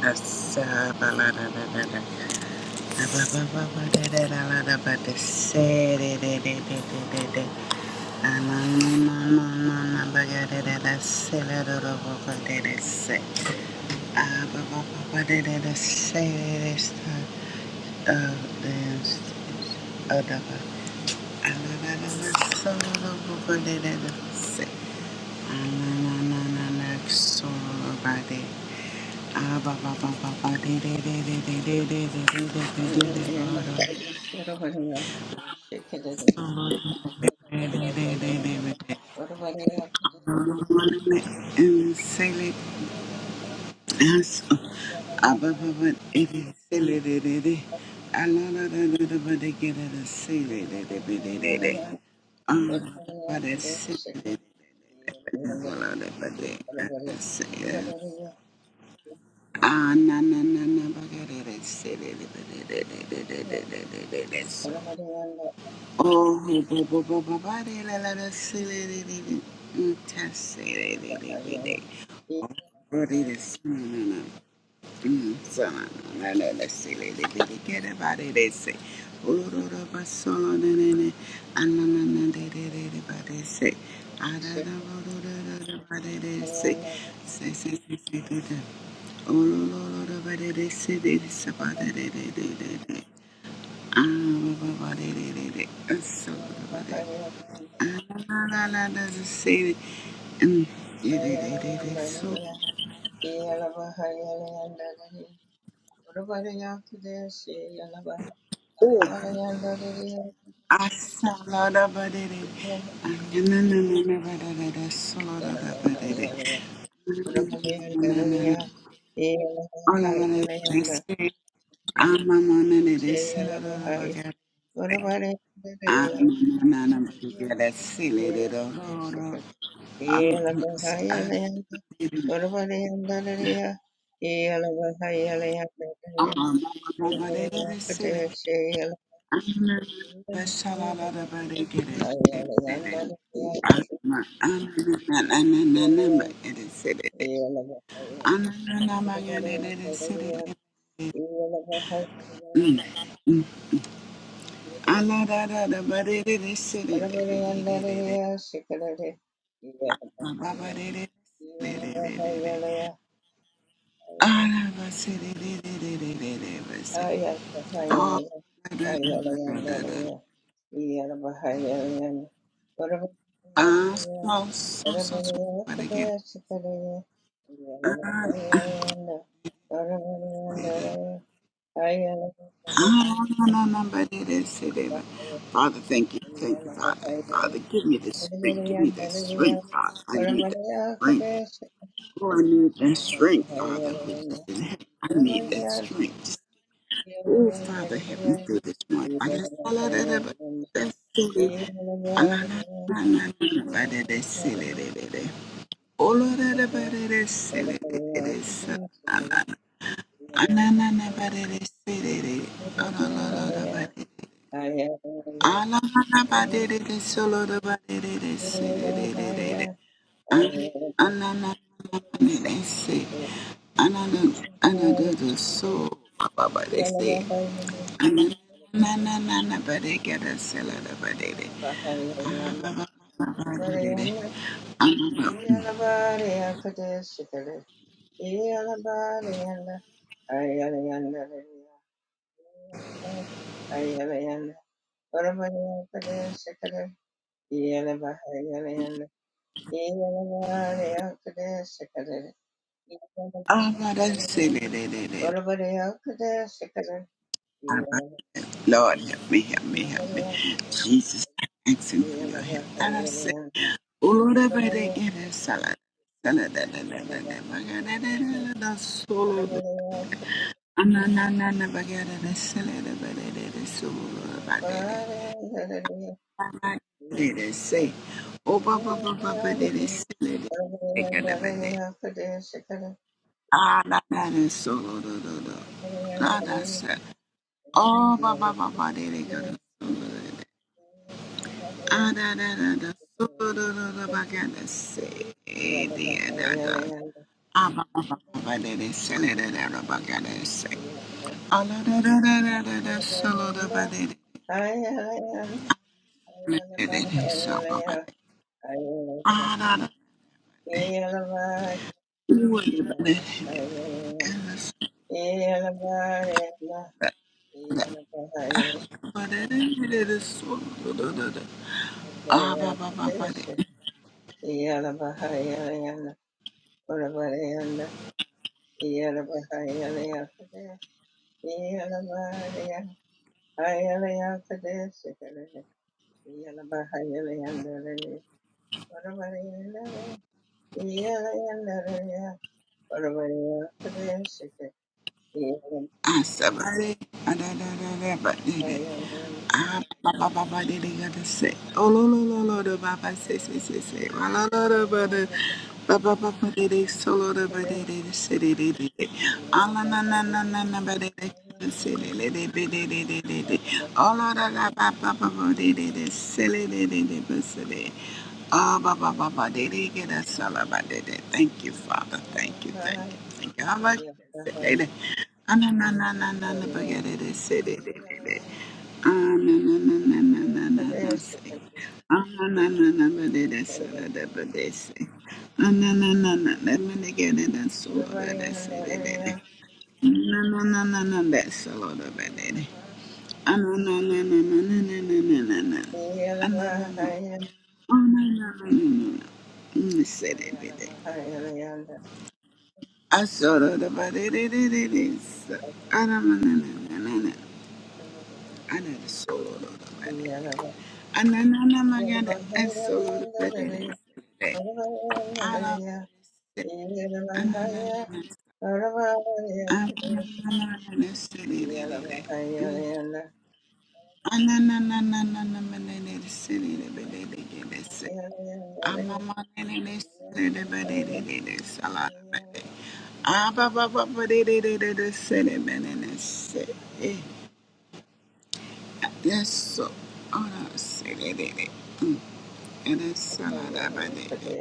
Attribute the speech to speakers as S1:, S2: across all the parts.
S1: Solo body. Ah,
S2: Yes.
S1: na na na na, bagada, silly, Oh, we bo- bo- bo- bo- body, la- la- la, si- li- li- li- li, mm, ta- si- li- li- li- li- li. Oh, body, the si- na- na- na, mm, so- na- na- na- na, la- si- li- li- li- li, get a body, they say. Oh, ro- ro- ba- so- lo- na- na- na, ah, na- na- na, de- de- de- de, body, say. Ah, da- da, ro- ro- ro- ro- ro, body, they say. Say- say- say- say, do- do. Oh, ro- ro- ro- ro, body, they say, they say, body, they- they- they- they- they. Ah, ba- ba- ba they- they- they, uh, so- lo- lo- lo, La la la la say it. Mm, it it it it they So
S2: Yeah.
S1: Oh, I saw la da ba de de. Ah, na na na na na ba da da da. So la da da ba de de. Na na na na na na. All of it they say. I'm a na and they say la da da ba ga. Ah na am a man and I'm a that silly little road. I'm a
S2: Yeah.
S1: man and I'm a silly. Ah, so,
S2: Yeah.
S1: so, so, so, but again, ah, Ah, no, no, no, but it is, it is. Father, thank you. Thank you, Father. Father, give me the strength. Give me that strength, Father. I need that strength. Oh, I need that strength, Father, which is in heaven. I need that strength. Oh, Father, help me through this month. I just I that about that silly. I love that- I love that about that- that silly, that- that- Oh, Lord, that about that- silly, that- that- that silly. I love that. I love that silly, that- Oh, Lord, Lord, Lord, about that. Alamanabadede solodobadede de badede se de anananananede se. Anana- anadada so- bababade se.
S2: Ayala,
S1: Anananabadede gada sela de
S2: Yeah.
S1: Anananananabadegede selodobadede. de de de. Abba, Lord, help me, help me, help me. Jesus, I'm asking for your help. And I say, Oh Lord, I pray that you have salad. Salad, da, da, da, da, da, ba, ga, da, da, da, da, da, solo, do. Ah, na, na, na, na, ba, ga, da, da, salad, da, ba, da, da, da, solo, do, ba, da, da. Ba, ba, da, da, say. Oh, ba, ba, ba, ba, ba, da, da, salad, da, ba, ga, da, ba, da. Ah, na, na, na solo, do, do, do. Ah, that's it. Oh, ba, ba, ba, ba, da, da, ga, da, solo, do. Ah, da, da, da, da. So, da, da, da, da, ba, ga, da, se, eh, da, da, da. Ah, ba, ba, ba, ba, ba, da, da, se, da, da, da, da, ba, ga, da, se. Ah, da, da, da, da, da, da, da, so, da, da, ba, da, da, da, da, da, da. so, ba, ba, da. Ah, da, da. Ooh, da, ba, da, da, da, so, da, da, ba, da, da, da, da, da, so, da, da, da, da. Ah, ba, ba, ba, ba, da.
S2: Yeah. Yeah.
S1: Ah, somebody Ah, da da da da but did it. Ah ba ba ba ba did it gotta say. Oh lo lo lo lo the ba ba say say say say. Wa la la la ba da ba ba ba ba did it solo da ba did it say did it did it. Ah la na na na na na ba did it. Silly, lady, biddy, diddy, diddy. All of the la ba ba ba ba diddy, diddy, silly, diddy, diddy, silly. Ah ba ba ba ba diddy, get us ba about diddy. Thank you, Father. Thank you,
S2: Yeah.
S1: thank you. Ah, no, no, no, no, no, no. Mm, say that, baby. I saw that about it. it- it- it is. I don't know, no, no, no, no, no. I did a solo about it. I know, no, no, my God, I solo about it. it is. I love it. I know, no, no, no. I know, no, no, no, no, it's it, it,
S2: Yeah.
S1: it, it, it. Mm. I know, no, no, no, no, no, but it is it, it, it, but it is it, it's it. I'm a man, it is it, it, but it is it, it's a lot about it. Ah, ba, ba, ba, but it is it, it, it's it, but it is it. Yes, so ona se de de de. Mm, Ede salada ba de de.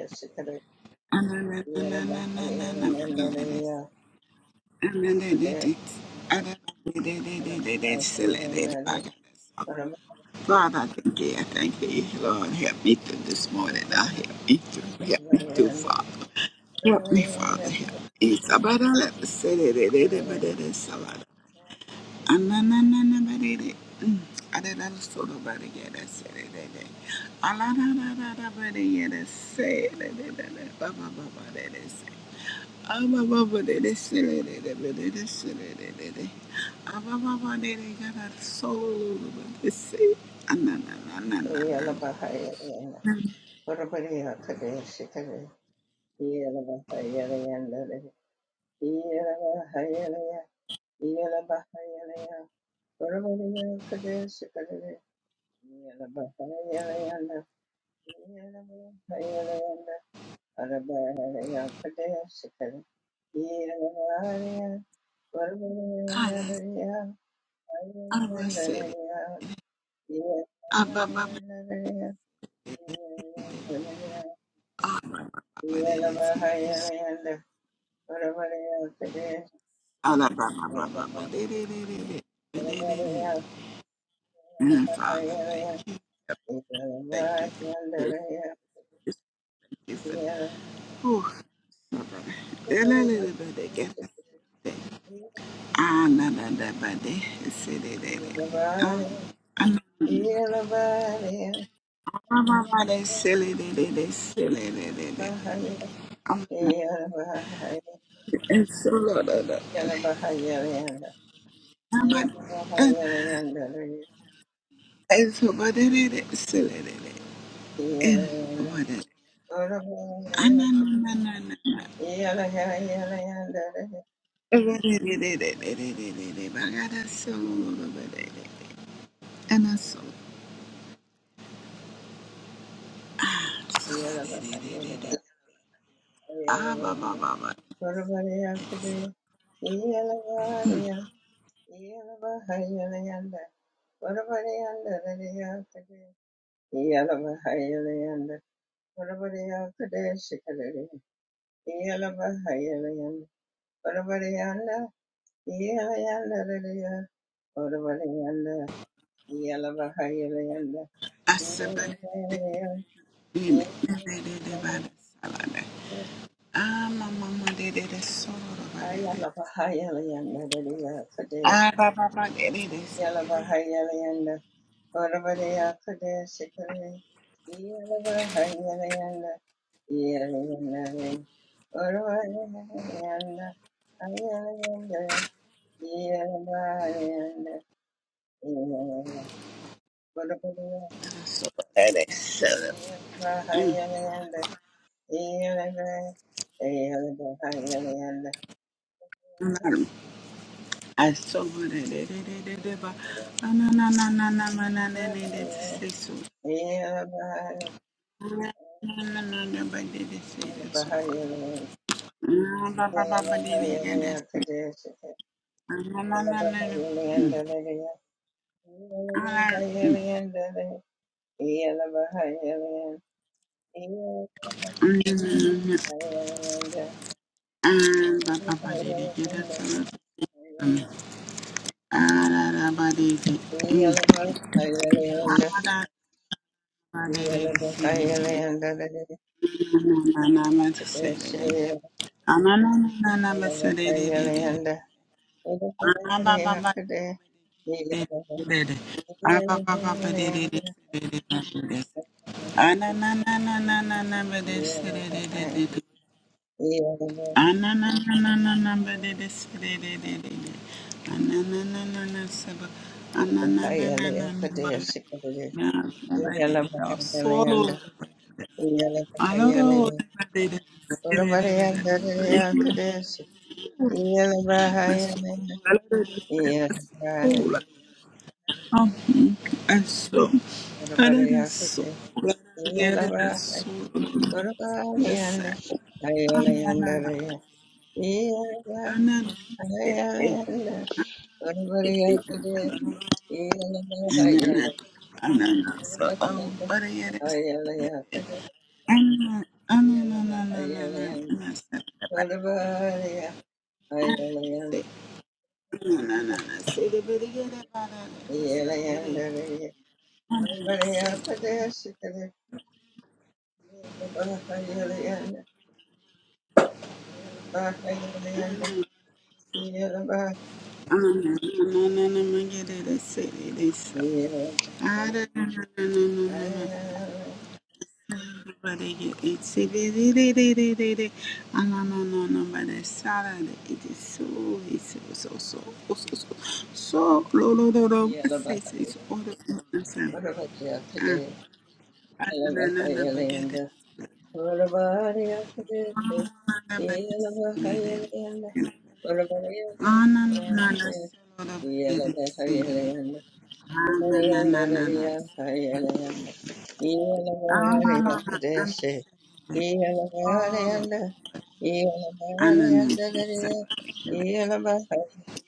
S1: Ana na na na na na na na ba de de de. Ana de de de. Ada ba de de de de de de sele de de ba ga de so. Father, I thank you. I thank you. Lord, help me through this morning. Now help me through. Help me through, Father. Help me, Father. Help me. Sabada let the city. Anananabarere. Mm. Adadalasodobareyadaserere. Aladadadadabareyadeserere. Babababarerese. Abababarereserere. Abababareregadasolobarese.
S2: Iyala
S1: Ananananana.
S2: bahaya yana. Orabariya kadaya shikare. Iyala bahaya yana. Iyala bahaya yana. Iyala bahaya yana. Orabariya kadaya shikare. Iyala bahaya yana. Iyala bahaya yana. Orabariya kadaya shikare. Iyala bahaya. Orabariya
S1: God,
S2: yana.
S1: Abba
S2: Iyala
S1: said it. Abba,
S2: bahaya yana.
S1: Abba, Abba, Abba, Abba, And Father, thank you. Thank you for your grace. Just Thank you for whew, Father. Delelelebede, gelelebede. Ananadabade, selelele. Um,
S2: Yeah.
S1: ananadabade, selelelele, selelelele. Um, and so, Lord, uh, uh, and- so, ba- de- de- de- se- le- de- de. Eh, ba- de- de. Ah, na na na na na selelele.
S2: Yeah.
S1: And- but it- ananananana. But it is- it is- it is- it is- it is- but God, that's so, Lord, uh, but it is. And I saw. Ah, ba, ba, ba, ba. I said, ba, de, de, de,
S2: Yeah.
S1: ba, de, ba, Ah, ma, ma, ma, de, de, de, so, ba, de, de. Ah, ba, ba, ba, de, de, de, se, de, de. I saw, ba, de, de, so, ro. Mm, I saw, ba, de, de, de, de, de, de, ba. Ah, na, na, na, na, na, na, na, na, na, de, de, so. Na, na, na, na, ba, de, de, de, so, Ah, ba, ba, ba, ba, de, de, de, so. Ah, na, na, na, na, na. I don't um Papa did it get us A little
S2: Yeah. Yeah.
S1: um, Ananana So, another soul, another soul, Yes, another,
S2: Yeah.
S1: another.
S2: What
S1: Ananana Ah,
S2: about the other day? Yeah.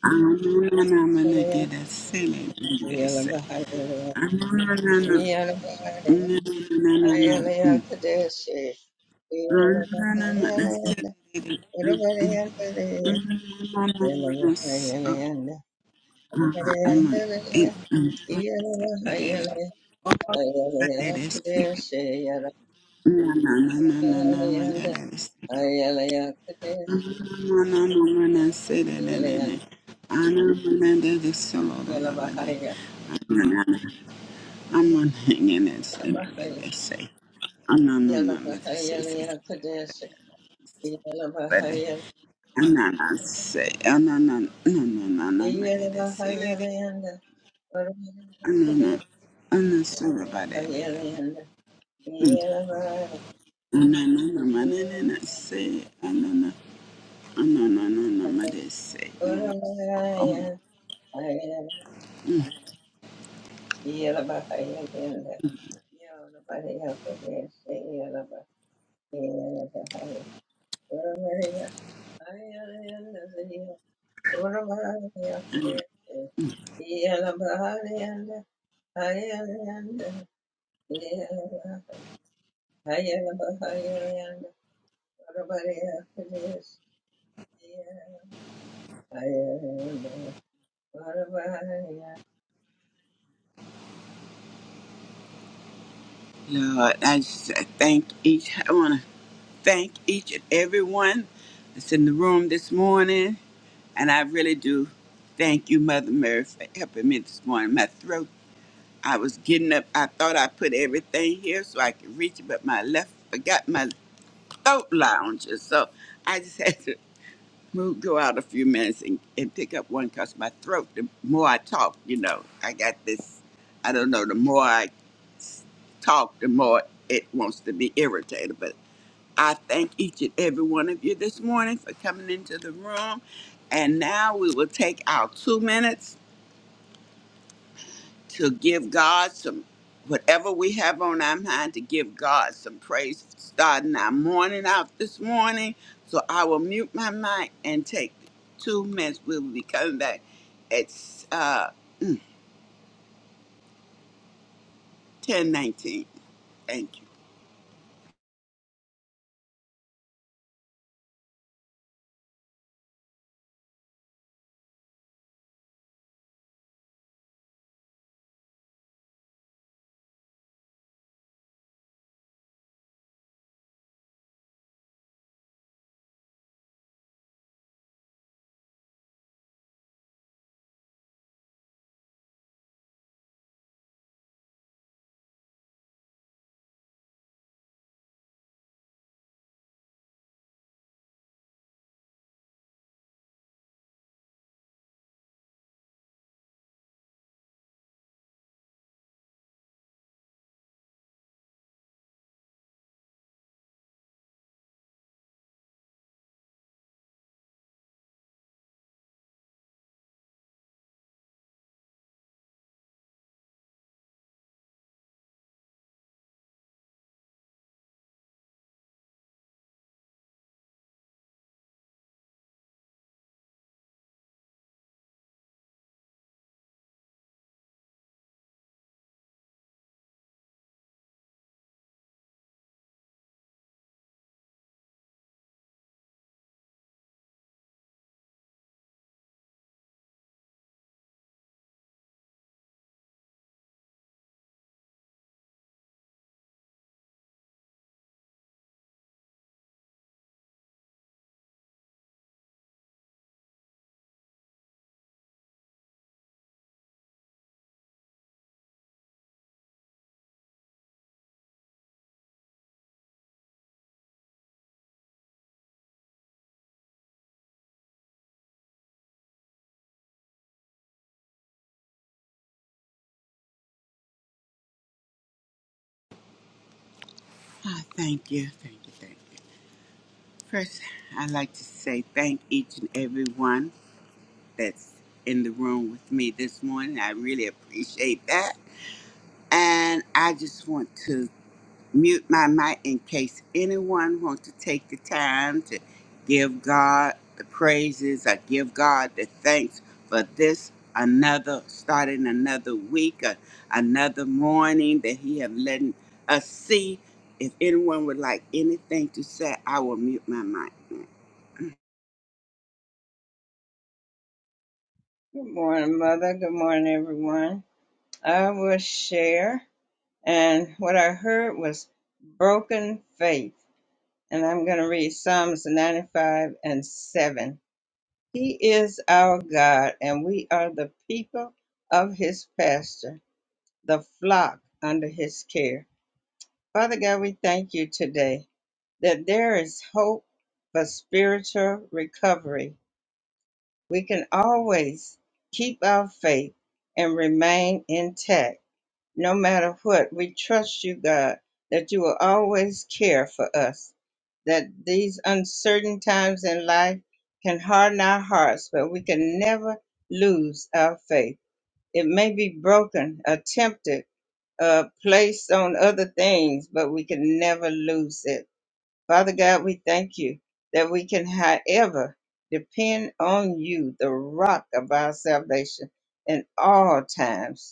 S1: I'm gonna get a silly in this. I'm gonna no
S2: Yeah.
S1: no no no no no. I'm not hanging it. Say, say, say. I'm not, no, no, but say, say, say. But I'm not, not say. I'm not, no, no, no, no, no, but it is silly. I'm not, no, I'm not sure about it. I'm not, no, no, no, no, no, no, no, say. I'm not, no, I'm not, no, no, no, but it say. Oh, so, oh. Mm.
S2: Good morning, Mother. Good
S1: Lord, I just I thank each. I want to thank each and every one that's in the room this morning. And I really do thank you, Mother Mary, for helping me this morning. My throat, I was getting up. I thought I put everything here so I could reach it, but my left forgot my throat lounger. So I just had to move, go out a few minutes and, and pick up one because my throat, the more I talk, you know, I got this, I don't know, the more I s- talk, the more it wants to be irritated. but. I thank each and every one of you this morning for coming into the room. And now we will take our two minutes to give God some, whatever we have on our mind, to give God some praise, starting our morning out this morning. So I will mute my mic and take two minutes. We will be coming back at uh, 1019. Thank you. Ah, thank you, thank you, thank you. First, I'd like to say thank each and every one. that's in the room with me this morning. I really appreciate that. And I just want to mute my mic in case anyone wants to take the time to give God the praises or give God the thanks for this another starting another week, uh, another morning that He have let us see. If anyone would like anything to say, I will mute my mic.
S2: morning, everyone. I will share. And what I heard was broken faith. And I'm going to read Psalms 95 and 7. He is our God, and we are the people of his pasture, the flock under his care. Father God, we thank you today that there is hope for spiritual recovery. We can always keep our faith and remain intact no matter what. We trust you, God, that you will always care for us, that these uncertain times in life can harden our hearts, but we can never lose our faith. It may be broken, attempted, uh, placed on other things, but we can never lose it. Father God, we thank you that we can, however, depend on you, the rock of our salvation, in all times.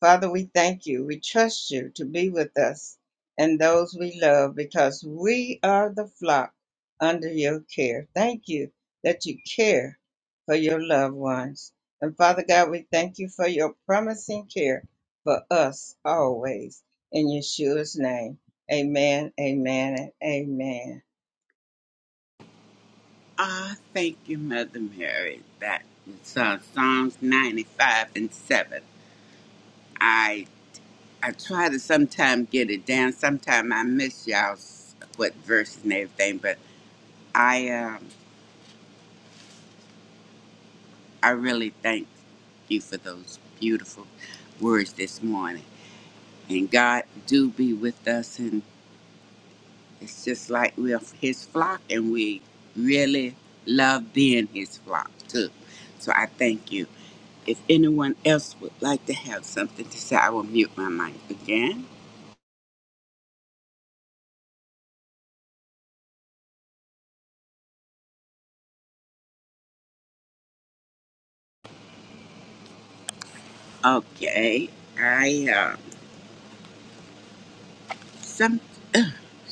S2: Father, we thank you. We trust you to be with us and those we love because we are the flock under your care. Thank you that you care for your loved ones. And Father God, we thank you for your promising care for us always. In Yeshua's name, amen, amen, and amen.
S1: Ah, thank you, Mother Mary. That is uh, Psalms 95 and 7. I I try to sometime get it down. Sometime I miss y'all's what verses and everything, but I um I really thank you for those beautiful words this morning. And God do be with us, and it's just like we're His flock, and we really love being His flock too. So I thank you. If anyone else would like to have something to say, I will mute my mic again. Okay, I um some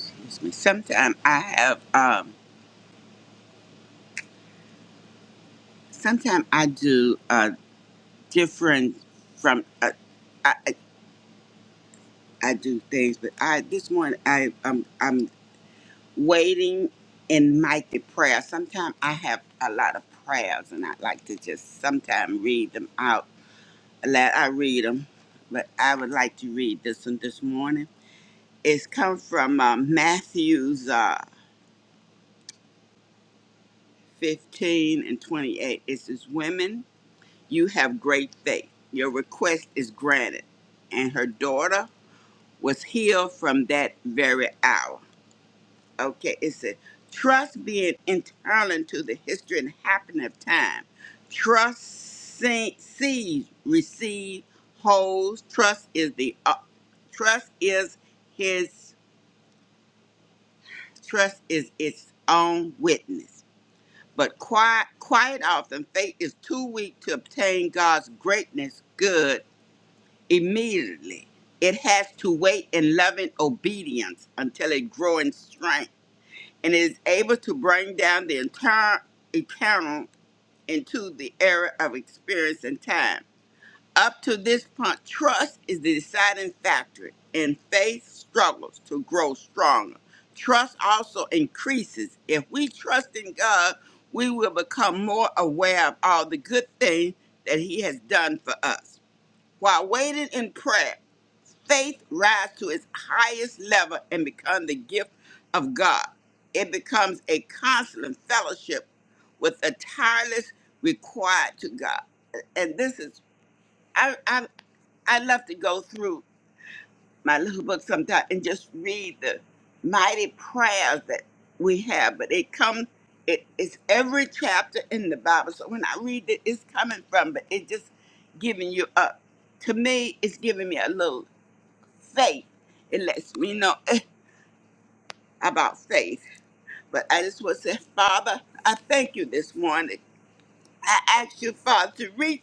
S1: excuse me. Sometimes I have um sometimes I do uh different from uh, I I I do things, but I this morning I um I'm waiting in mighty prayer. Sometimes I have a lot of prayers, and I like to just sometimes read them out. Let I read them, but I would like to read this one this morning. It's come from uh, Matthew's uh, 15 and 28. It says, Women, you have great faith. Your request is granted. And her daughter was healed from that very hour. Okay, it said, Trust being internal to the history and happening of time. Trust see- sees, receives, holds. Trust is the uh, trust is his trust is its own witness. but quiet, quiet often faith is too weak to obtain God's greatness good immediately. It has to wait in loving obedience until it grow in strength and is able to bring down the entire eternal into the era of experience and time. Up to this point, trust is the deciding factor, and faith struggles to grow stronger. Trust also increases. If we trust in God, we will become more aware of all the good things that He has done for us. While waiting in prayer, faith rises to its highest level and becomes the gift of God. It becomes a constant fellowship with a tireless required to God. And this is, I. I I love to go through my little book sometime and just read the mighty prayers that we have. But it comes, it's every chapter in the Bible. So when I read it, it's coming from, but it just giving you up. To me, it's giving me a little faith. It lets me know eh, about faith. But I just want to say, Father, I thank you this morning I ask you, Father, to reach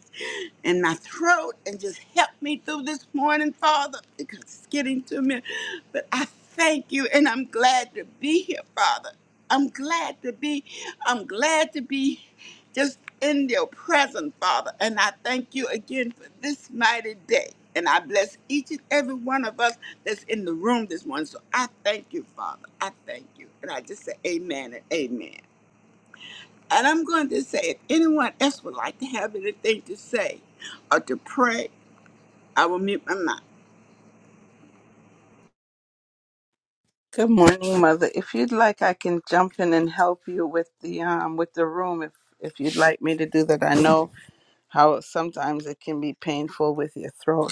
S1: in my throat and just help me through this morning, Father, because it's getting to me. But I thank you, and I'm glad to be here, Father. I'm glad to be. I'm glad to be just in your presence, Father. And I thank you again for this mighty day. And I bless each and every one of us that's in the room this morning. So I thank you, Father. I thank you. And I just say amen and amen. And I'm going to say, if anyone else would like to have anything to say or to pray, I will mute my mic.
S3: Good morning, Mother. If you'd like, I can jump in and help you with the um with the room. If if you'd like me to do that, I know how sometimes it can be painful with your throat.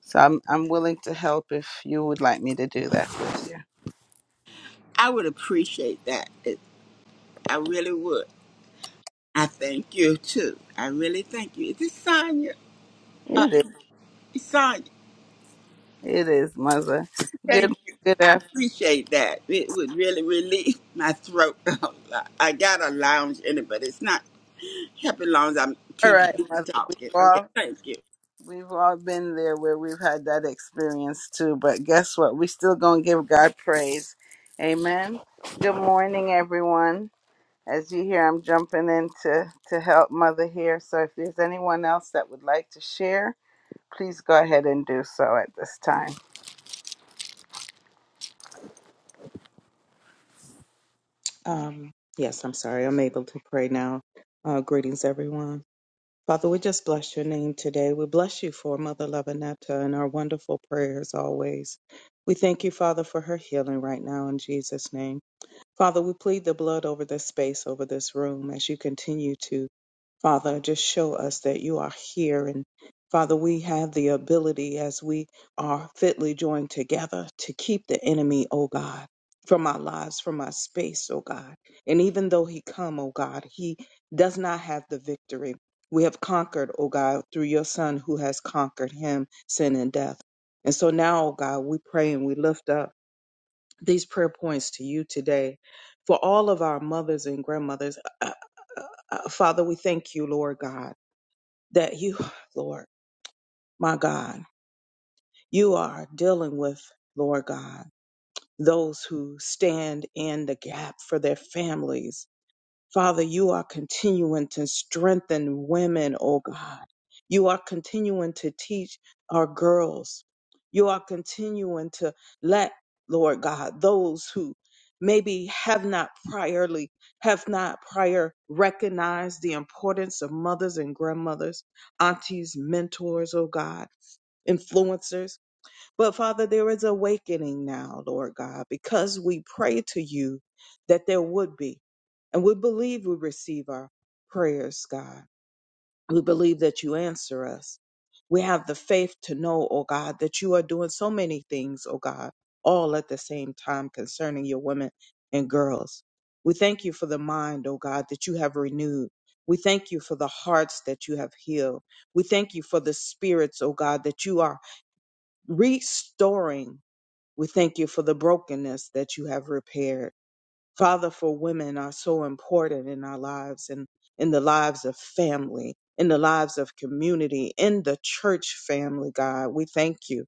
S3: So I'm I'm willing to help if you would like me to do that with you.
S1: I would appreciate that. It- I really would. I thank you too. I really thank you. Is this Sonya?
S3: It is
S1: It's Sonya.
S3: it is, Mother. Good
S1: Thank you.
S3: good
S1: I
S3: afternoon.
S1: appreciate that. It would really relieve my throat a lot. I got a lounge in it, but it's not helping long as I'm
S3: All
S1: keep
S3: right, Mother.
S1: talking.
S3: We've
S1: Okay,
S3: all
S1: thank you.
S3: we've all been there where we've had that experience too. But guess what? We still gonna give God praise. Amen. Good morning, everyone. As you hear, I'm jumping in to, to help Mother here. So if there's anyone else that would like to share, please go ahead and do so at this time.
S4: Um, yes, I'm sorry. I'm able to pray now. Uh, greetings, everyone. Father, we just bless your name today. We bless you for Mother Lavinetta and our wonderful prayers always. We thank you, Father, for her healing right now in Jesus' name. Father, we plead the blood over this space, over this room, as you continue to Father, just show us that you are here. And Father, we have the ability as we are fitly joined together to keep the enemy, oh God, from our lives, from our space, oh God. And even though he come, oh God, he does not have the victory. We have conquered, oh God, through your son who has conquered him, sin and death. And so now, oh God, we pray and we lift up these prayer points to you today for all of our mothers and grandmothers. Uh, uh, uh, uh, Father, we thank you, Lord God, that you, Lord, my God, you are dealing with, Lord God, those who stand in the gap for their families Father, you are continuing to strengthen women, oh God. You are continuing to teach our girls. You are continuing to let, Lord God, those who maybe have not priorly, have not prior recognized the importance of mothers and grandmothers, aunties, mentors, oh God, influencers. But Father, there is awakening now, Lord God, because we pray to you that there would be. And we believe we receive our prayers, God. We believe that you answer us. We have the faith to know, oh God, that you are doing so many things, oh God, all at the same time concerning your women and girls. We thank you for the mind, oh God, that you have renewed. We thank you for the hearts that you have healed. We thank you for the spirits, oh God, that you are restoring we thank you for the brokenness that you have repaired. Father, for women are so important in our lives and in the lives of family, in the lives of community, in the church family, God. We thank you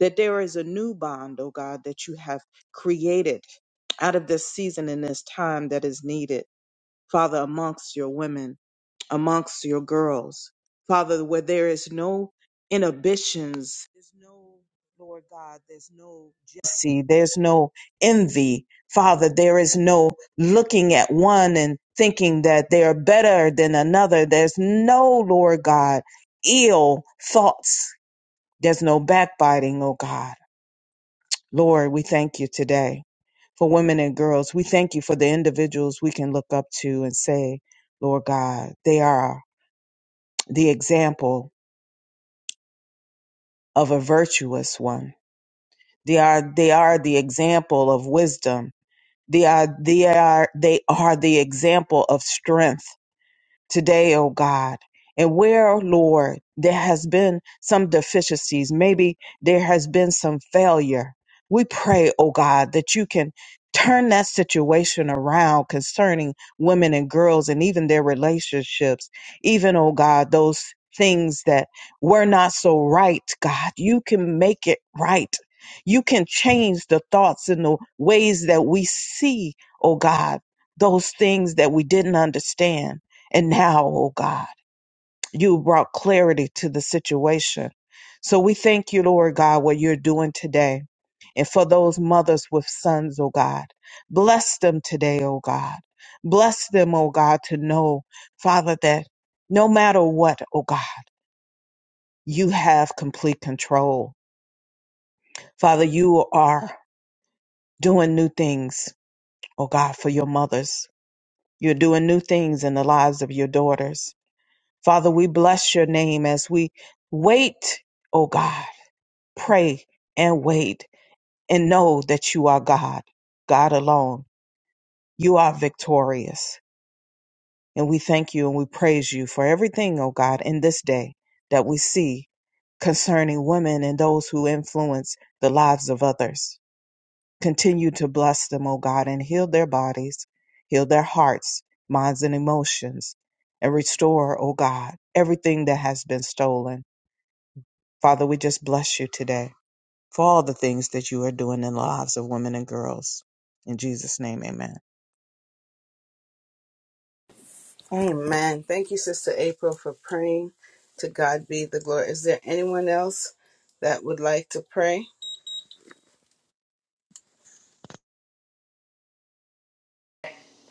S4: that there is a new bond, oh God, that you have created out of this season and this time that is needed, Father, amongst your women amongst your girls. Father, where there is no inhibitions, there's no, Lord God, there's no jealousy, there's no envy. Father, there is no looking at one and thinking that they are better than another. There's no, Lord God, ill thoughts. There's no backbiting, oh God. Lord, we thank you today for women and girls. We thank you for the individuals we can look up to and say, Lord God, they are the example of a virtuous one. They are they are the example of wisdom. They are they are they are the example of strength. today, oh God. And where, oh Lord, there has been some deficiencies, maybe there has been some failure. We pray, oh God, that you can turn that situation around concerning women and girls and even their relationships, even, oh God, those things that were not so right, God. You can make it right. You can change the thoughts and the ways that we see, oh God, those things that we didn't understand and now, oh God, you brought clarity to the situation. So we thank you, Lord God, what you're doing today. And for those mothers with sons, oh God, bless them today, oh God. Bless them, oh God, to know, Father, that no matter what, oh God, you have complete control. Father, you are doing new things, oh God, for your mothers. You're doing new things in the lives of your daughters. Father, we bless your name as we wait, oh God, pray and wait and know that you are God, God alone. You are victorious. And we thank you and we praise you for everything, oh God, in this day that we see concerning women and those who influence the lives of others. Continue to bless them, O God, and heal their bodies, heal their hearts, minds, and emotions, and restore, O God, everything that has been stolen. Father, we just bless you today for all the things that you are doing in the lives of women and girls. In Jesus' name, amen.
S3: Amen. Thank you, Sister April, for praying. To God be the glory. Is there anyone else that would like to pray?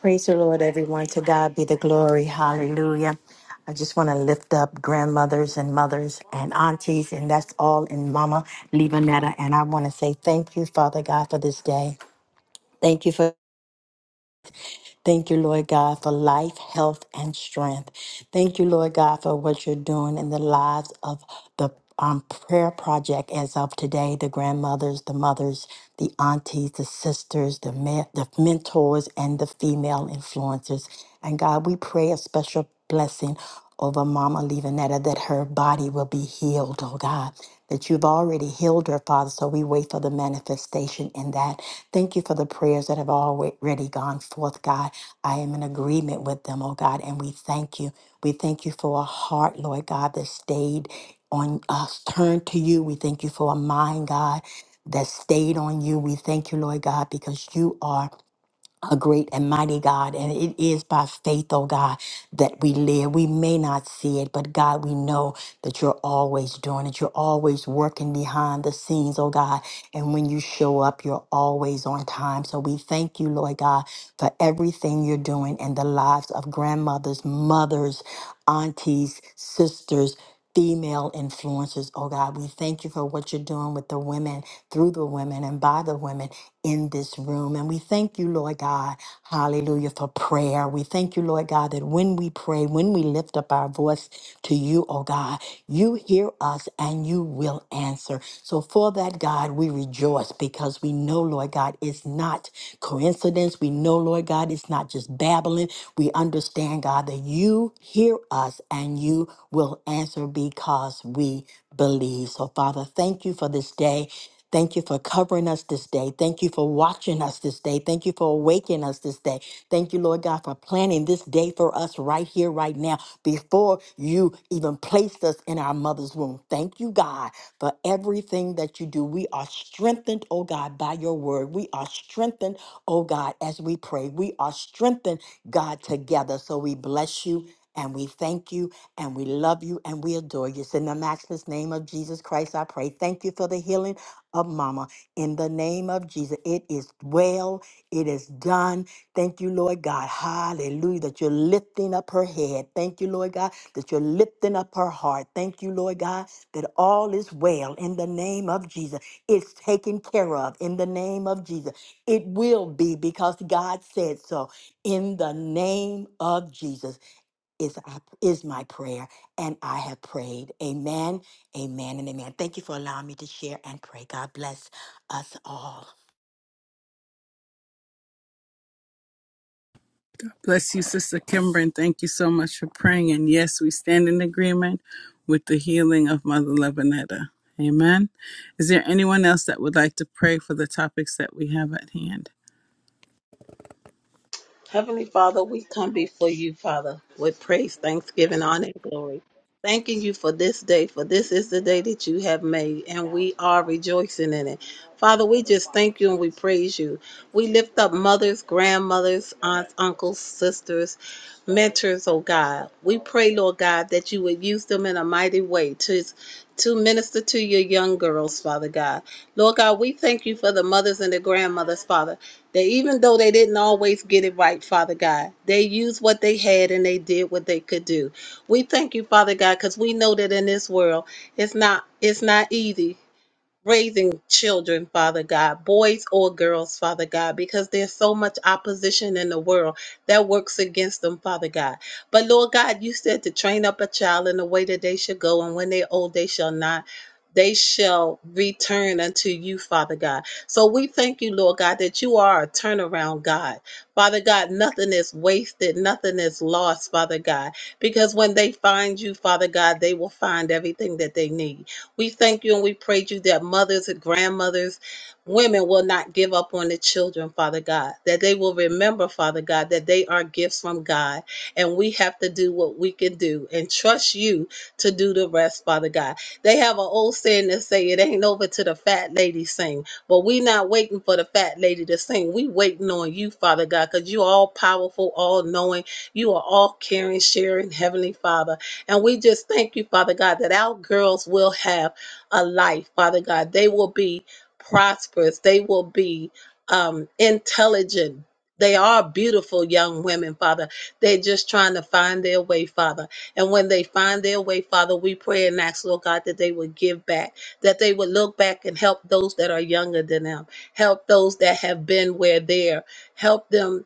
S5: Praise the Lord, everyone. To God be the glory. Hallelujah. I just want to lift up grandmothers and mothers and aunties, and that's all in Mama Levanetta. And I want to say thank you, Father God, for this day. Thank you for Thank you, Lord God, for life, health, and strength. Thank you, Lord God, for what you're doing in the lives of the um, prayer project as of today the grandmothers, the mothers, the aunties, the sisters, the, men, the mentors, and the female influencers. And God, we pray a special blessing over Mama Levanetta that her body will be healed, oh God, that you've already healed her, Father. So we wait for the manifestation in that. Thank you for the prayers that have already gone forth, God. I am in agreement with them, oh God, and we thank you. We thank you for a heart, Lord God, that stayed on us, turned to you. We thank you for a mind, God, that stayed on you. We thank you, Lord God, because you are a great and mighty God. And it is by faith, oh God, that we live. We may not see it, but God, we know that you're always doing it. You're always working behind the scenes, oh God. And when you show up, you're always on time. So we thank you, Lord God, for everything you're doing in the lives of grandmothers, mothers, aunties, sisters female influencers. Oh God, we thank you for what you're doing with the women, through the women, and by the women in this room. And we thank you, Lord God, hallelujah, for prayer. We thank you, Lord God, that when we pray, when we lift up our voice to you, oh God, you hear us and you will answer. So for that, God, we rejoice because we know, Lord God, it's not coincidence. We know, Lord God, it's not just babbling. We understand, God, that you hear us and you will answer because we believe. So, Father, thank you for this day. Thank you for covering us this day. Thank you for watching us this day. Thank you for awakening us this day. Thank you, Lord God, for planning this day for us right here, right now, before you even placed us in our mother's womb. Thank you, God, for everything that you do. We are strengthened, oh God, by your word. We are strengthened Oh God, as we pray, we are strengthened, God, together. So we bless you and we thank you and we love you and we adore you. It's in the matchless name of Jesus Christ, I pray. Thank you for the healing of Mama. In the name of Jesus, it is well, it is done. Thank you, Lord God. Hallelujah. That you're lifting up her head. Thank you, Lord God, that you're lifting up her heart. Thank you, Lord God, that all is well in the name of Jesus. It's taken care of in the name of Jesus. It will be because God said so. In the name of Jesus is, is my prayer, and I have prayed. Amen, amen, and amen. Thank you for allowing me to share and pray. God bless us all.
S3: Bless you, Sister Kimber, and thank you so much for praying. And yes, we stand in agreement with the healing of Mother Lebanetta. Amen. Is there anyone else that would like to pray for the topics that we have at hand?
S6: Heavenly Father, we come before you, Father, with praise, thanksgiving, honor, and glory. Thanking you for this day, for this is the day that you have made, and we are rejoicing in it. Father, we just thank you and we praise you. We lift up mothers, grandmothers, aunts, uncles, sisters, mentors, oh God. We pray, Lord God, that you would use them in a mighty way to, to minister to your young girls, Father God. Lord God, we thank you for the mothers and the grandmothers, Father that even though they didn't always get it right, Father God, they used what they had and they did what they could do. We thank you, Father God, because we know that in this world it's not it's not easy raising children, Father God, boys or girls, Father God, because there's so much opposition in the world that works against them, Father God. But Lord God, you said to train up a child in the way that they should go, and when they're old, they shall not. They shall return unto you, Father God. So we thank you, Lord God, that you are a turnaround God. Father God, nothing is wasted, nothing is lost, Father God, because when they find you, Father God, they will find everything that they need. We thank you and we praise you that mothers and grandmothers, women will not give up on the children, Father God, that they will remember, Father God, that they are gifts from God. And we have to do what we can do and trust you to do the rest, Father God. They have an old saying that say it ain't over till the fat lady sing. But we not waiting for the fat lady to sing. We waiting on you, Father God, because you all powerful, all knowing. You are all caring, sharing, Heavenly Father. And we just thank you, Father God, that our girls will have a life, Father God. They will be prosperous, they will be um, intelligent. They are beautiful young women, Father. They're just trying to find their way, Father. And when they find their way, Father, we pray and ask, Lord God, that they would give back, that they would look back and help those that are younger than them, help those that have been where they're, help them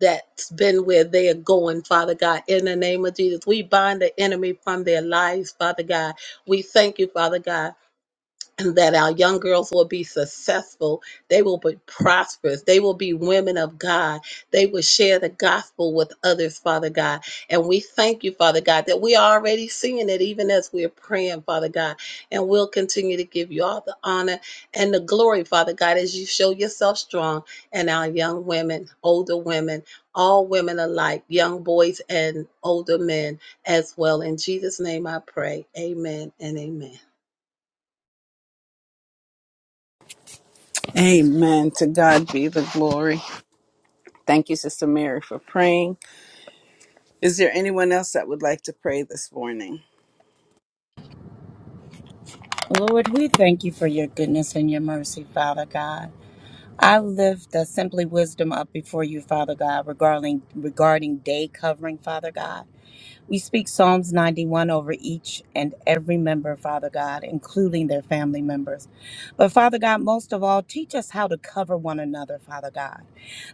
S6: that's been where they are going, Father God. In the name of Jesus, we bind the enemy from their lives, Father God. We thank you, Father God and that our young girls will be successful. They will be prosperous. They will be women of God. They will share the gospel with others, Father God. And we thank you, Father God, that we are already seeing it even as we're praying, Father God. And we'll continue to give you all the honor and the glory, Father God, as you show yourself strong and our young women, older women, all women alike, young boys and older men as well. In Jesus' name I pray. Amen and amen.
S3: Amen. To God be the glory. Thank you, Sister Mary, for praying. Is there anyone else that would like to pray this morning?
S7: Lord, we thank you for your goodness and your mercy, Father God. I lift the simply wisdom up before you, Father God, regarding regarding day covering, Father God. We speak Psalms 91 over each and every member, Father God, including their family members. But Father God, most of all, teach us how to cover one another, Father God.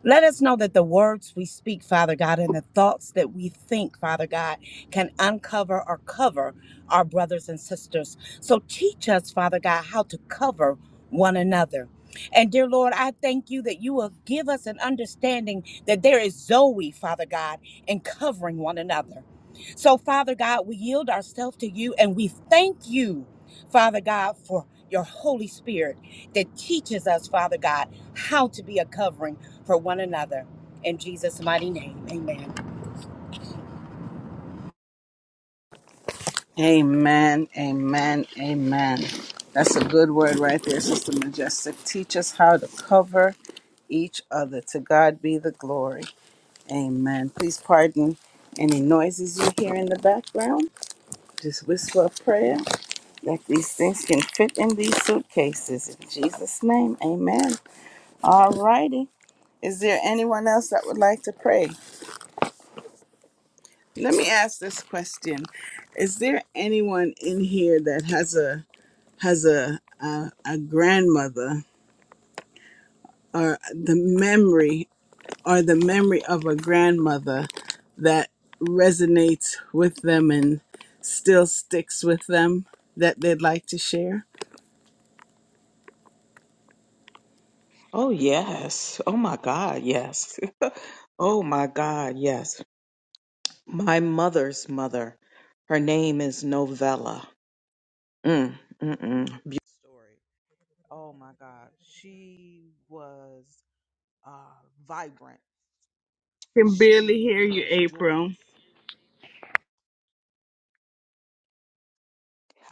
S7: Let us know that the words we speak, Father God, and the thoughts that we think, Father God, can uncover or cover our brothers and sisters. So teach us, Father God, how to cover one another. And dear Lord, I thank you that you will give us an understanding that there is Zoe, Father God, in covering one another. So, Father God, we yield ourselves to you and we thank you, Father God, for your Holy Spirit that teaches us, Father God, how to be a covering for one another. In Jesus' mighty name, amen.
S3: Amen. Amen. Amen. That's a good word right there, Sister Majestic. Teach us how to cover each other. To God be the glory. Amen. Please pardon any noises you hear in the background. Just whisper a prayer that these things can fit in these suitcases. In Jesus' name, amen. All righty. Is there anyone else that would like to pray? Let me ask this question: Is there anyone in here that has a has a a, a grandmother or the memory or the memory of a grandmother that resonates with them and still sticks with them that they'd like to share?
S4: Oh, yes. Oh, my God. Yes. oh, my God. Yes. My mother's mother. Her name is Novella. Mm, mm, mm. Beautiful story. Oh my God. She was uh, vibrant.
S3: can barely
S4: She
S3: hear you,
S4: was
S3: April.
S4: joyous.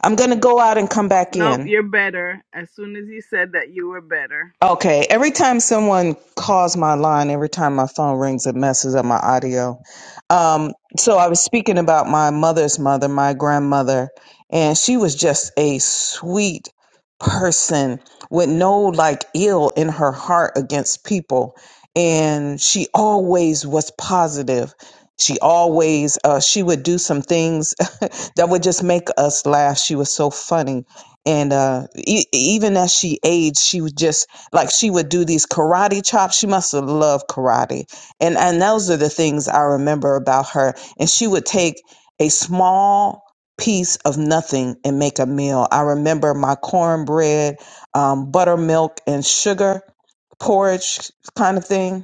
S4: I'm going to go out and come back
S3: Nope,
S4: in.
S3: you're better. As soon as you said that, you were better.
S4: Okay, every time someone calls my line, every time my phone rings, it messes up my audio. Um, so I was speaking about my mother's mother, my grandmother, and she was just a sweet person with no like ill in her heart against people. And she always was positive. She always, uh, she would do some things that would just make us laugh. She was so funny. And uh, e- even as she aged, she was just like she would do these karate chops. She must have loved karate, and and those are the things I remember about her. And she would take a small piece of nothing and make a meal. I remember my cornbread, um, buttermilk, and sugar porridge kind of thing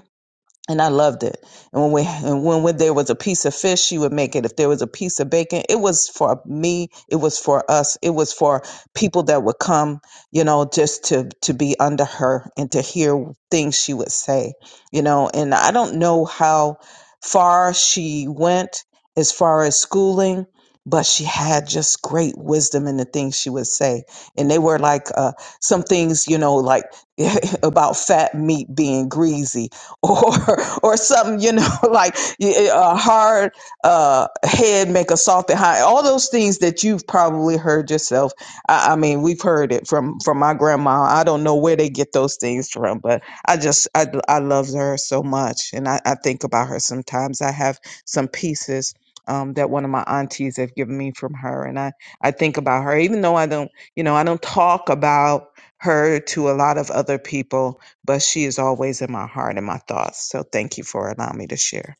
S4: and I loved it. And when we and when, when there was a piece of fish, she would make it. If there was a piece of bacon, it was for me. It was for us. It was for people that would come, you know, just to to be under her and to hear things she would say, you know. And I don't know how far she went as far as schooling. But she had just great wisdom in the things she would say. And they were like uh, some things, you know, like about fat meat being greasy or or something you know like a hard uh head make a soft and all those things that you've probably heard yourself I, I mean we've heard it from from my grandma i don't know where they get those things from but i just i, I love her so much and I, I think about her sometimes i have some pieces um, that one of my aunties have given me from her and i i think about her even though i don't you know i don't talk about her to a lot of other people but she is always in my heart and my thoughts. So thank you for allowing me to share.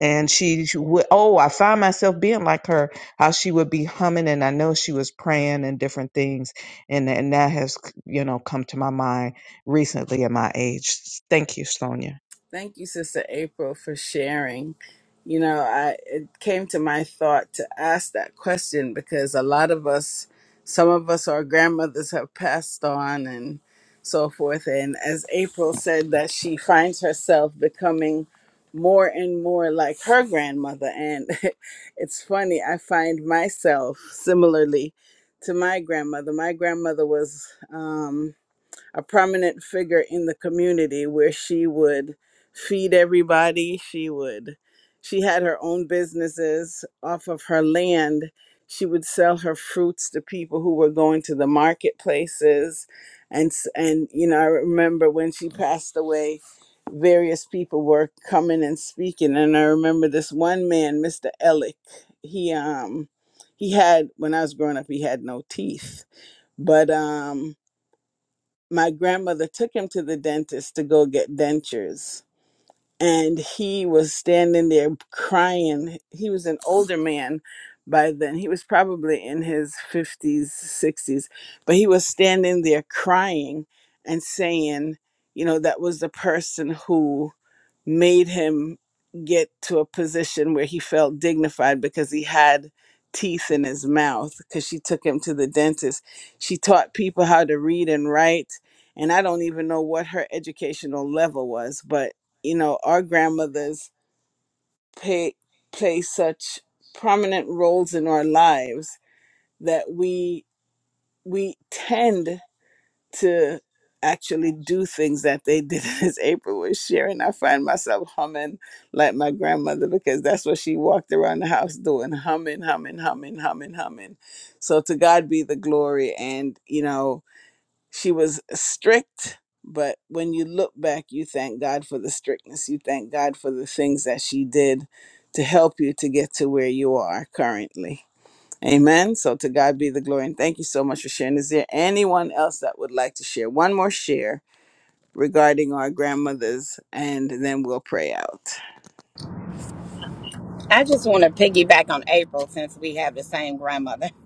S4: And she she would, oh, I find myself being like her, how she would be humming, and I know she was praying and different things, and and that has you know come to my mind recently at my age. Thank you, Sonia.
S3: Thank you, Sister April, for sharing. You know, I it came to my thought to ask that question because a lot of us, some of us, our grandmothers have passed on and so forth. And as April said, that she finds herself becoming more and more like her grandmother. And it's funny, I find myself similarly to my grandmother. My grandmother was. Um, a prominent figure in the community where she would feed everybody. She would, she had her own businesses off of her land. She would sell her fruits to people who were going to the marketplaces. And, s- and you know, I remember when she passed away, various people were coming and speaking. And I remember this one man, Mr. Ellick, he, um, he had, when I was growing up, he had no teeth, but, um, my grandmother took him to the dentist to go get dentures and he was standing there crying. He was an older man by then. He was probably in his 50s, 60s, but he was standing there crying and saying, you know, that was the person who made him get to a position where he felt dignified because he had teeth in his mouth because she took him to the dentist. She taught people how to read and write. And I don't even know what her educational level was, but you know, our grandmothers play, play such prominent roles in our lives that we we tend to actually do things that they did as April was sharing. I find myself humming like my grandmother because that's what she walked around the house doing, humming, humming, humming, humming, humming. So to God be the glory and you know she was strict, but when you look back, you thank God for the strictness. You thank God for the things that she did to help you to get to where you are currently. Amen. So to God be the glory. And thank you so much for sharing. Is there anyone else that would like to share one more share regarding our grandmothers? And then we'll pray out.
S7: I just want to piggyback on April since we have the same grandmother.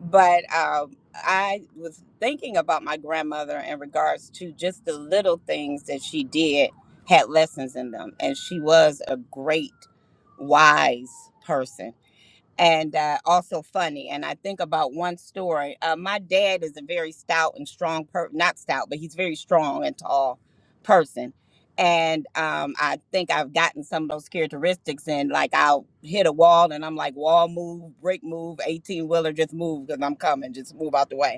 S7: But uh, I was thinking about my grandmother in regards to just the little things that she did had lessons in them. And she was a great, wise person. and uh, also funny. And I think about one story. Uh, my dad is a very stout and strong per not stout, but he's very strong and tall person. And um, I think I've gotten some of those characteristics. And like I'll hit a wall, and I'm like, wall move, brick move, eighteen wheeler, just move because I'm coming, just move out the way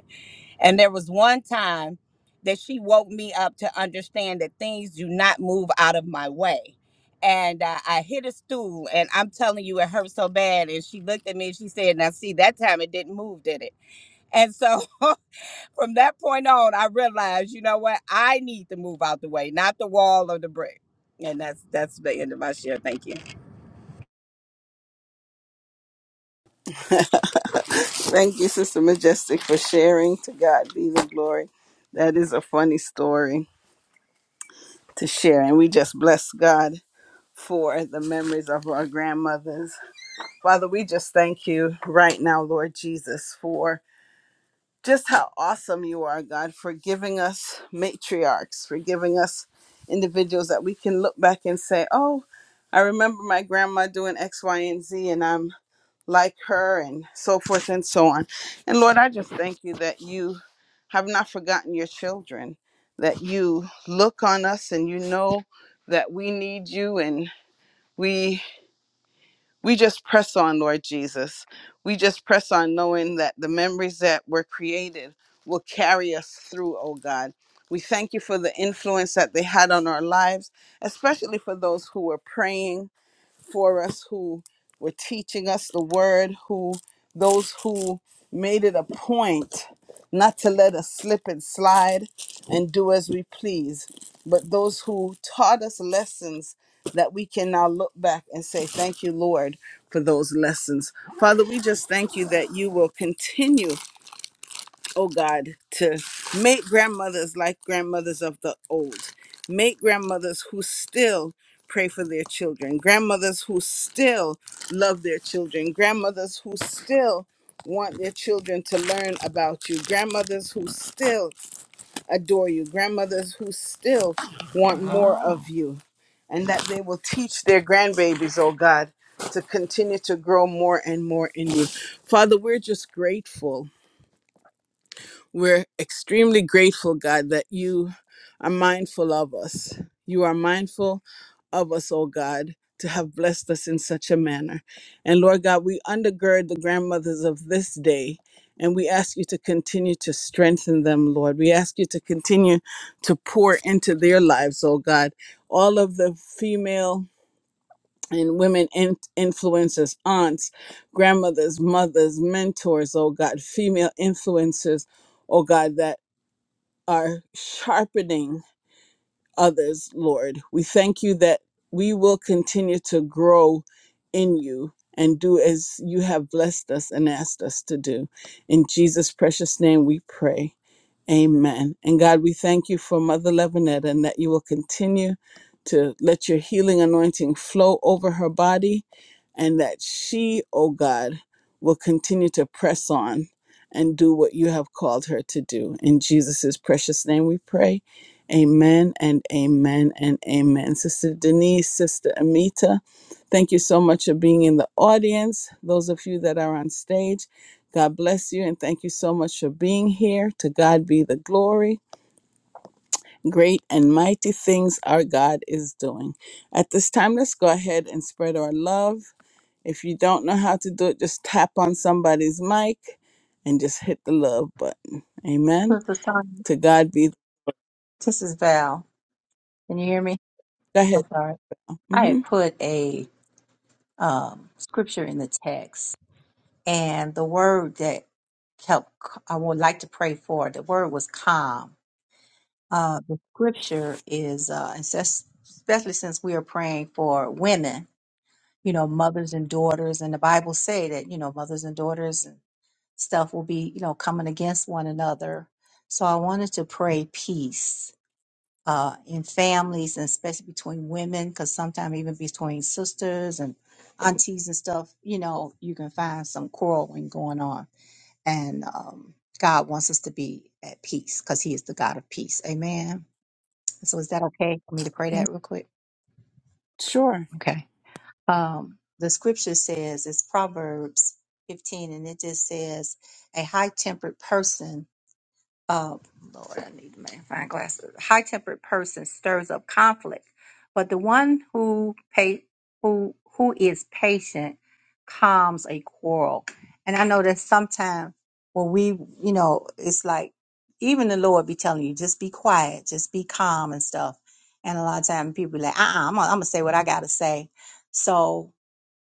S7: and there was one time that she woke me up to understand that things do not move out of my way. And uh, I hit a stool, and I'm telling you, it hurt so bad. And she looked at me and she said, Now, see, that time it didn't move, did it? And so from that point on, I realized, you know what? I need to move out the way, not the wall or the brick. And that's that's the end of my share. Thank you.
S3: Thank you, Sister Majestic, for sharing. To God be the glory. That is a funny story to share. And we just bless God for the memories of our grandmothers. Father, we just thank you right now, Lord Jesus, for just how awesome you are, God, for giving us matriarchs, for giving us individuals that we can look back and say, oh, I remember my grandma doing X, Y, and Z, and I'm like her, and so forth and so on. And Lord, I just thank you that you have not forgotten your children, that you look on us and you know that we need you and we we just press on, Lord Jesus. We just press on knowing that the memories that were created will carry us through, oh God. We thank you for the influence that they had on our lives, especially for those who were praying for us who were teaching us the word, who those who made it a point not to let us slip and slide and do as we please, but those who taught us lessons that we can now look back and say, Thank you, Lord, for those lessons. Father, we just thank you that you will continue oh God, to make grandmothers like grandmothers of the old, make grandmothers who still pray for their children, grandmothers who still love their children, grandmothers who still want their children to learn about you, grandmothers who still adore you, grandmothers who still want more of you, and that they will teach their grandbabies, oh God. To continue to grow more and more in you. Father, we're just grateful we're extremely grateful, God, that you are mindful of us. You are mindful of us, oh God, to have blessed us in such a manner. And Lord God, we undergird the grandmothers of this day. And we ask you to continue to strengthen them, Lord. We ask you to continue to pour into their lives, oh God. All of the female and women in- influencers, aunts, grandmothers, mothers, mentors, oh God, female influencers, oh God, that are sharpening others, Lord. We thank you that we will continue to grow in you and do as you have blessed us and asked us to do. In Jesus' precious name we pray. Amen. And God, we thank you for Mother Levinette and that you will continue to let your healing anointing flow over her body and that she, oh God, will continue to press on and do what you have called her to do. In Jesus' precious name we pray. Amen and amen and amen. Sister Denise, Sister Amita, thank you so much for being in the audience. Those of you that are on stage, God bless you and thank you so much for being here. To God be the glory. Great and mighty things our God is doing. At this time, let's go ahead and spread our love. If you don't know how to do it, just tap on somebody's mic and just hit the love button. Amen.
S8: This is Tanya.
S3: To God be.
S8: This is Val. Can you hear me?
S3: Go ahead.
S8: I'm sorry. I
S3: hmm
S8: had put a um, scripture in the text, and the word that helped, I would like to pray for, the word was calm. Uh, the scripture is, uh, it says- especially since we are praying for women, you know, mothers and daughters, and the Bible say that, you know, mothers and daughters and stuff will be, you know, coming against one another. So I wanted to pray peace uh, in families and especially between women, because sometimes even between sisters and aunties and stuff, you know, you can find some quarreling going on. And um, God wants us to be at peace because He is the God of peace. Amen. So is that okay for me to pray that real quick?
S3: Sure.
S8: Okay. Um, the scripture says it's Proverbs 15, and it just says, A high tempered person uh, Lord, I need to make magnifying glasses. High tempered person stirs up conflict, but the one who pay who who is patient calms a quarrel. And I know that sometimes when we, you know, it's like even the Lord be telling you, just be quiet, just be calm and stuff. And a lot of times people be like, uh, uh-uh, I'm gonna, I'm gonna say what I gotta say. So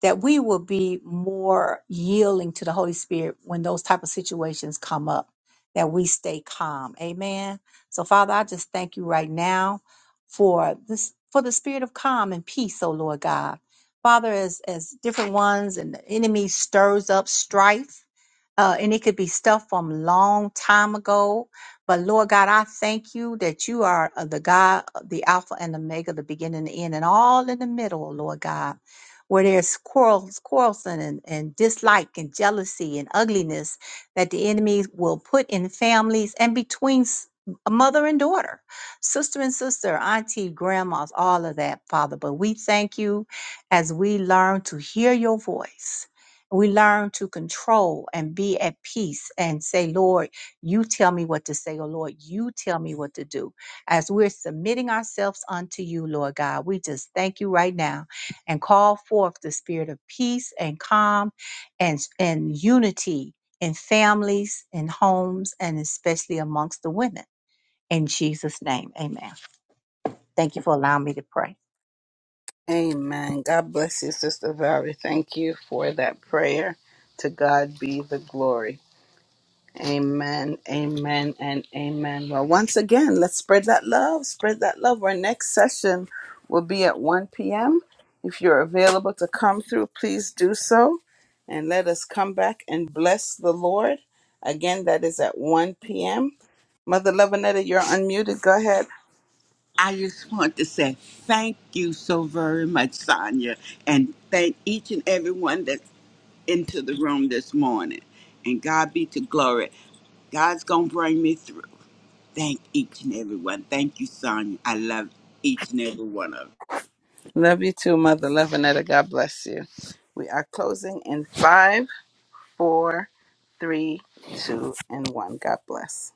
S8: that we will be more yielding to the Holy Spirit when those type of situations come up that we stay calm. Amen. So Father, I just thank you right now for this for the spirit of calm and peace, oh Lord God. Father, as as different ones and the enemy stirs up strife, uh, and it could be stuff from long time ago. But Lord God, I thank you that you are uh, the God, uh, the Alpha and Omega, the beginning and the end, and all in the middle, oh Lord God where there's quarrels, quarrelsome and, and dislike and jealousy and ugliness that the enemy will put in families and between s- a mother and daughter, sister and sister, auntie, grandmas, all of that, Father. But we thank you as we learn to hear your voice. We learn to control and be at peace and say, Lord, you tell me what to say, or Lord, you tell me what to do. As we're submitting ourselves unto you, Lord God, we just thank you right now and call forth the spirit of peace and calm and, and unity in families, in homes, and especially amongst the women. In Jesus' name, amen. Thank you for allowing me to pray.
S3: Amen. God bless you, Sister Valerie. Thank you for that prayer. To God be the glory. Amen, amen, and amen. Well, once again, let's spread that love. Spread that love. Our next session will be at 1 p.m. If you're available to come through, please do so. And let us come back and bless the Lord. Again, that is at 1 p.m. Mother Levinetta, you're unmuted. Go ahead.
S1: I just want to say thank you so very much, Sonia, and thank each and everyone that's into the room this morning. And God be to glory. God's going to bring me through. Thank each and everyone. Thank you, Sonia. I love each and every one of you.
S3: Love you too, Mother Levinetta. God bless you. We are closing in five, four, three, two, and one. God bless.